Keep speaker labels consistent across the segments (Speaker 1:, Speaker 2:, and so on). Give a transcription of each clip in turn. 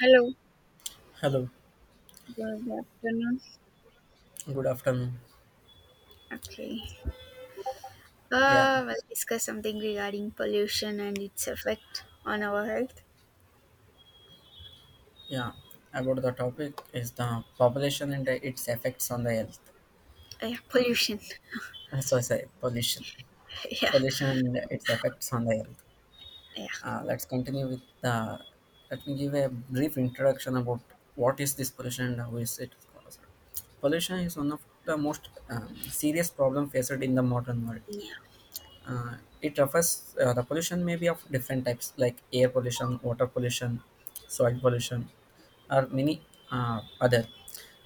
Speaker 1: Hello,
Speaker 2: Hello,
Speaker 1: good afternoon.
Speaker 2: good afternoon.
Speaker 1: Okay,
Speaker 2: Yeah,
Speaker 1: we'll discuss something regarding pollution and its effect on our health.
Speaker 2: yeah. About the topic is the population and its effects on the health.
Speaker 1: Yeah, Pollution.
Speaker 2: So I say pollution,
Speaker 1: yeah,
Speaker 2: pollution and its effects on the health.
Speaker 1: yeah,
Speaker 2: Let's continue with the. Let me give a brief introduction about what is this pollution and how is it caused. Pollution is one of the most serious problem faced in the modern world.
Speaker 1: yeah.
Speaker 2: Uh, it refers the pollution may be of different types like air pollution, water pollution, soil pollution, or many other.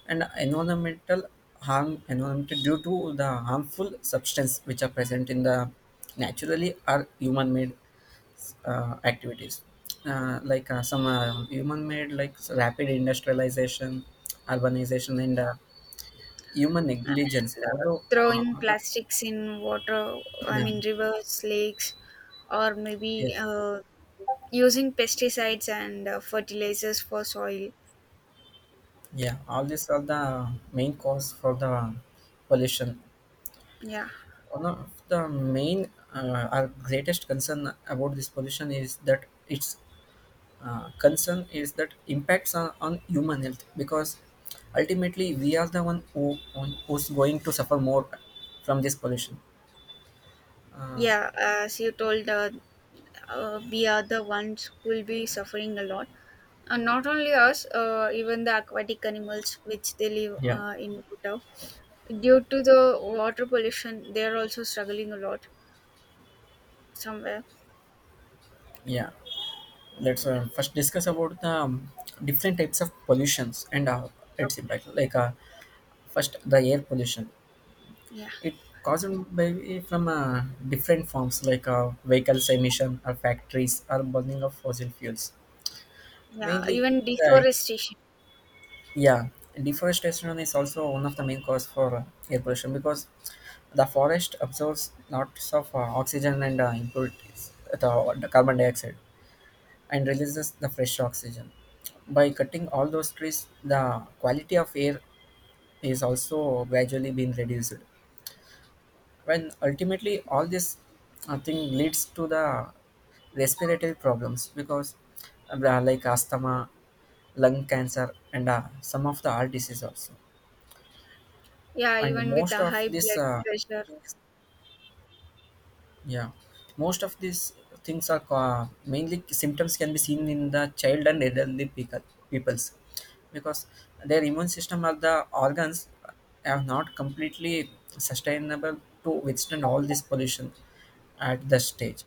Speaker 2: And environmental harm environmental due to the harmful substance which are present in the naturally or human-made activities like some human made like rapid industrialization urbanization and human negligence
Speaker 1: And,
Speaker 2: although
Speaker 1: throwing
Speaker 2: other,
Speaker 1: plastics in water, I
Speaker 2: yeah
Speaker 1: mean, rivers, lakes, or
Speaker 2: yeah.
Speaker 1: maybe using pesticides and fertilizers for soil.
Speaker 2: Yeah, all these are the main cause for the pollution.
Speaker 1: Yeah,
Speaker 2: One of the main our greatest concern about this pollution is that its concern is that impacts on human health because ultimately we are the one who's going to suffer more from this pollution. Uh,
Speaker 1: yeah, as you told, we are the ones who will be suffering a lot. And not only us, even the aquatic animals which they live
Speaker 2: yeah,
Speaker 1: in Bhutan. Due to the water pollution, they are also struggling a lot somewhere.
Speaker 2: yeah. Let's first discuss about the different types of pollutions and its impact. Like first the air pollution.
Speaker 1: Yeah,
Speaker 2: It caused by from different forms like vehicles emission or factories or burning of fossil fuels.
Speaker 1: yeah,
Speaker 2: Mainly,
Speaker 1: even
Speaker 2: uh,
Speaker 1: deforestation.
Speaker 2: yeah, deforestation is also one of the main cause for air pollution because the forest absorbs lots of oxygen and impurities, the carbon dioxide, and releases the fresh oxygen. By cutting all those trees, the quality of air is also gradually being reduced. When ultimately all this thing leads to the respiratory problems because like asthma lung cancer and some of the heart disease also.
Speaker 1: Yeah,
Speaker 2: And
Speaker 1: even with
Speaker 2: most
Speaker 1: the
Speaker 2: of
Speaker 1: high
Speaker 2: this
Speaker 1: blood pressure.
Speaker 2: Yeah, most of these things are mainly symptoms can be seen in the child and elderly people, peoples because their immune system or the organs are not completely sustainable to withstand all this pollution at the stage.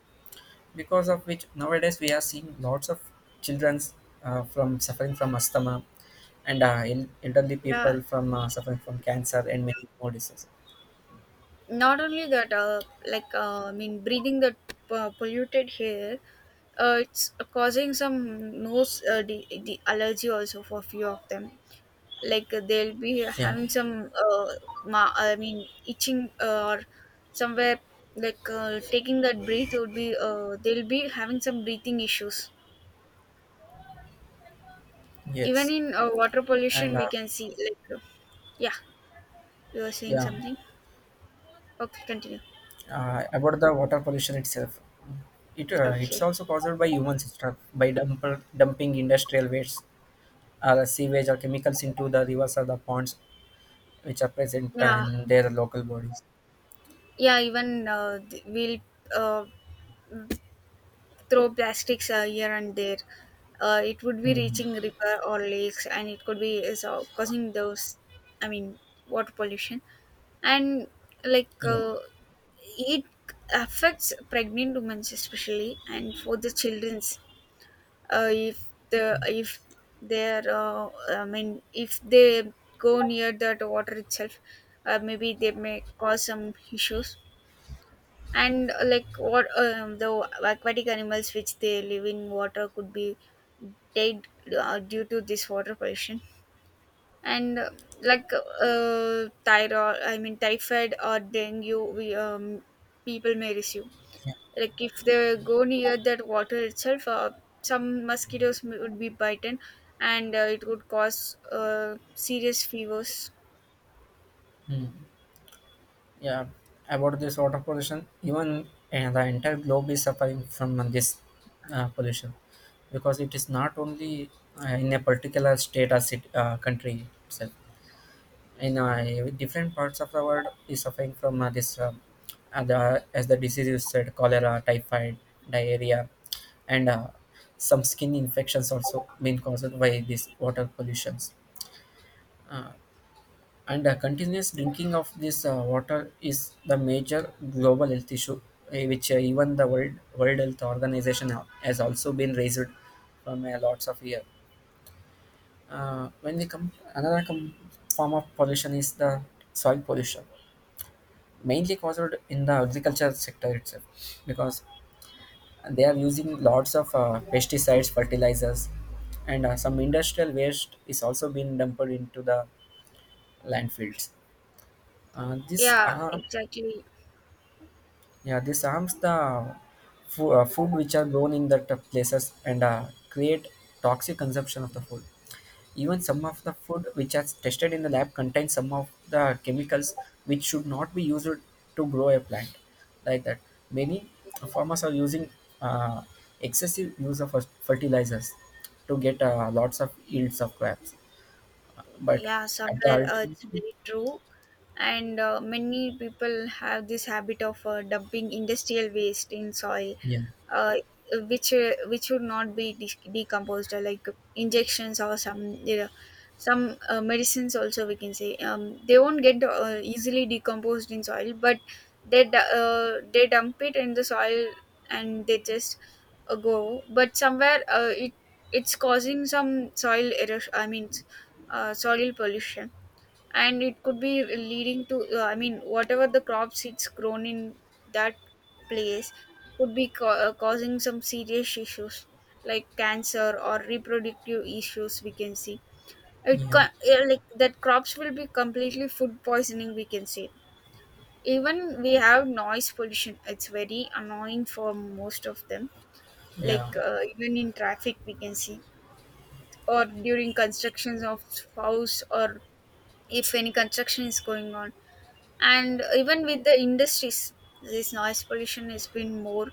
Speaker 2: Because of which nowadays we are seeing lots of children from suffering from asthma and elderly
Speaker 1: Yeah,
Speaker 2: people from suffering from cancer and many more diseases.
Speaker 1: not only that, like I mean, breathing the polluted air, it's causing some nose the allergy also for few of them. Like they'll be
Speaker 2: Yeah.
Speaker 1: having some, I mean, itching or somewhere, like taking that breath would be they'll be having some breathing issues. Even
Speaker 2: Yes.
Speaker 1: in water pollution,
Speaker 2: And
Speaker 1: we can see like yeah, you were saying
Speaker 2: yeah.
Speaker 1: something. Okay, continue.
Speaker 2: About the water pollution itself it's
Speaker 1: Okay.
Speaker 2: also caused by humans itself by dumping industrial waste or sewage or chemicals into the rivers or the ponds which are present
Speaker 1: Yeah.
Speaker 2: in their local bodies.
Speaker 1: Yeah, even we'll uh, throw plastics here and there, it would be
Speaker 2: Hmm.
Speaker 1: reaching river or lakes and it could be is, causing those, I mean, water pollution. And like
Speaker 2: Yeah,
Speaker 1: it affects pregnant women especially and for the children's, if they're, I mean, if they go near that water itself, maybe they may cause some issues. And like, what the aquatic animals which they live in water could be dead, due to this water pollution. And like thyroid I mean typhoid or dengue, we, people may receive,
Speaker 2: yeah,
Speaker 1: like if they go near that water itself, some mosquitoes would be bitten and it would cause serious fevers.
Speaker 2: mm, yeah. About this water pollution, even the entire globe is suffering from this pollution because it is not only in a particular state or city, country itself. In different parts of the world is suffering from as the disease you said cholera typhoid diarrhea and some skin infections also been caused by this water pollutions uh, and Continuous drinking of this water is the major global health issue which even the world health organization has also been raised from lots of years. When we come another form of pollution is the soil pollution mainly caused in the agriculture sector itself because they are using lots of pesticides fertilizers and some industrial waste is also being dumped into the landfills. uh, these
Speaker 1: Yeah,
Speaker 2: are
Speaker 1: exactly.
Speaker 2: Yeah, this harms the food which are grown in that places and create toxic consumption of the food. Even some of the food which are tested in the lab contains some of the chemicals which should not be used to grow a plant like that. Many farmers are using uh, excessive use of fertilizers to get lots of yields of crops, but
Speaker 1: Yeah,
Speaker 2: at the
Speaker 1: somewhere it's
Speaker 2: ultimate,
Speaker 1: very true. And many people have this habit of dumping industrial waste in soil,
Speaker 2: yeah,
Speaker 1: uh, which, which should not be decomposed, like injections, or some, there are some medicines also we can say, they won't get easily decomposed in soil. But they they dump it in the soil and they just go. But somewhere it, it's causing some soil erosion, I mean, soil pollution. And it could be leading to, I mean, whatever the crops it's grown in that place could be causing some serious issues, like cancer or reproductive issues we can see.
Speaker 2: yeah,
Speaker 1: Like that crops will be completely food poisoning, we can say. Even we have noise pollution, it's very annoying for most of them.
Speaker 2: yeah.
Speaker 1: Like even in traffic we can see, or during constructions of house, or if any construction is going on, and even with the industries, this noise pollution has been more.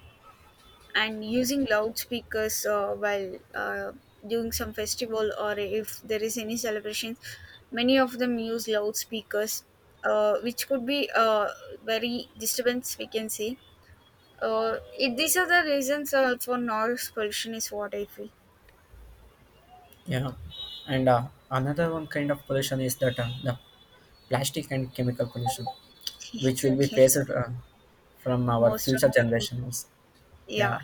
Speaker 1: And using loudspeakers, while doing some festival, or if there is any celebrations, many of them use loudspeakers, which could be very disturbance, we can say. It, these are the reasons, for noise pollution is what I feel.
Speaker 2: Yeah, and another one kind of pollution is that the plastic and chemical pollution, which will be
Speaker 1: Exactly.
Speaker 2: faced from our
Speaker 1: Most of
Speaker 2: future
Speaker 1: them,
Speaker 2: generations.
Speaker 1: yeah.
Speaker 2: Yeah,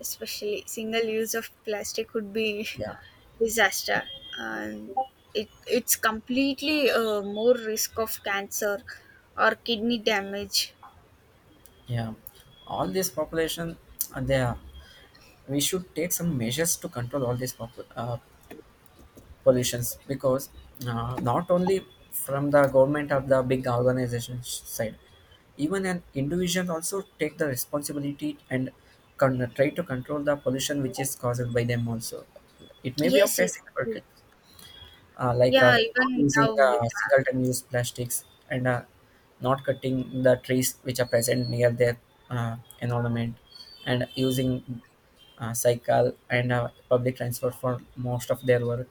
Speaker 1: Especially single use of plastic would be
Speaker 2: yeah,
Speaker 1: disaster. And it, it's completely more risk of cancer or kidney damage.
Speaker 2: yeah. All this population, uh, they are, we should take some measures to control all this pollutions because not only from the government of the big organization side, even an individual also take the responsibility and try to control the pollution which is caused by them also. It may be of
Speaker 1: Yes,
Speaker 2: a
Speaker 1: it.
Speaker 2: simple type,
Speaker 1: Yeah,
Speaker 2: not
Speaker 1: even
Speaker 2: using
Speaker 1: now we have,
Speaker 2: single time use plastics and not cutting the trees which are present near their environment, and using cycle and public transport for most of their work.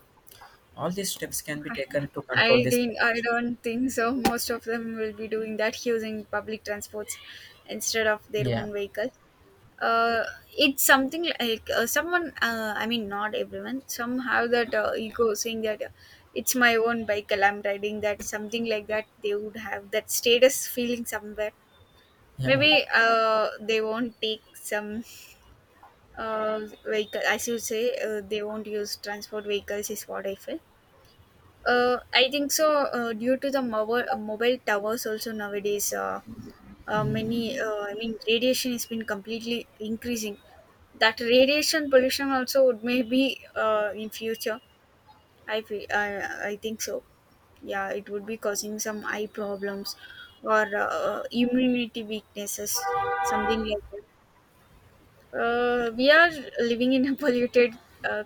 Speaker 2: All these steps can be taken to control
Speaker 1: I
Speaker 2: this.
Speaker 1: didn't, I don't think so most of them will be doing that, using public transports instead of their
Speaker 2: Yeah,
Speaker 1: own vehicle. uh, it's something like someone, I mean, not everyone, some have that ego saying that it's my own bicycle. I'm riding that, something like that. They would have that status feeling somewhere.
Speaker 2: yeah,
Speaker 1: Maybe they won't take some uh, vehicle. As you say, they won't use transport vehicles is what I feel. I think so. Due to the mobile towers also, nowadays, many, I mean, radiation has been completely increasing. That radiation pollution also would, maybe in future, I, fe- I think so, yeah, it would be causing some eye problems or immunity weaknesses, something like that. We are living in a polluted, uh,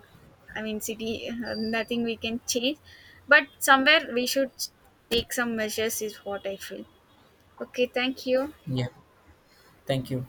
Speaker 1: I mean, city. Nothing we can change, but somewhere we should take some measures is what I feel. Okay, thank you.
Speaker 2: yeah. Thank you.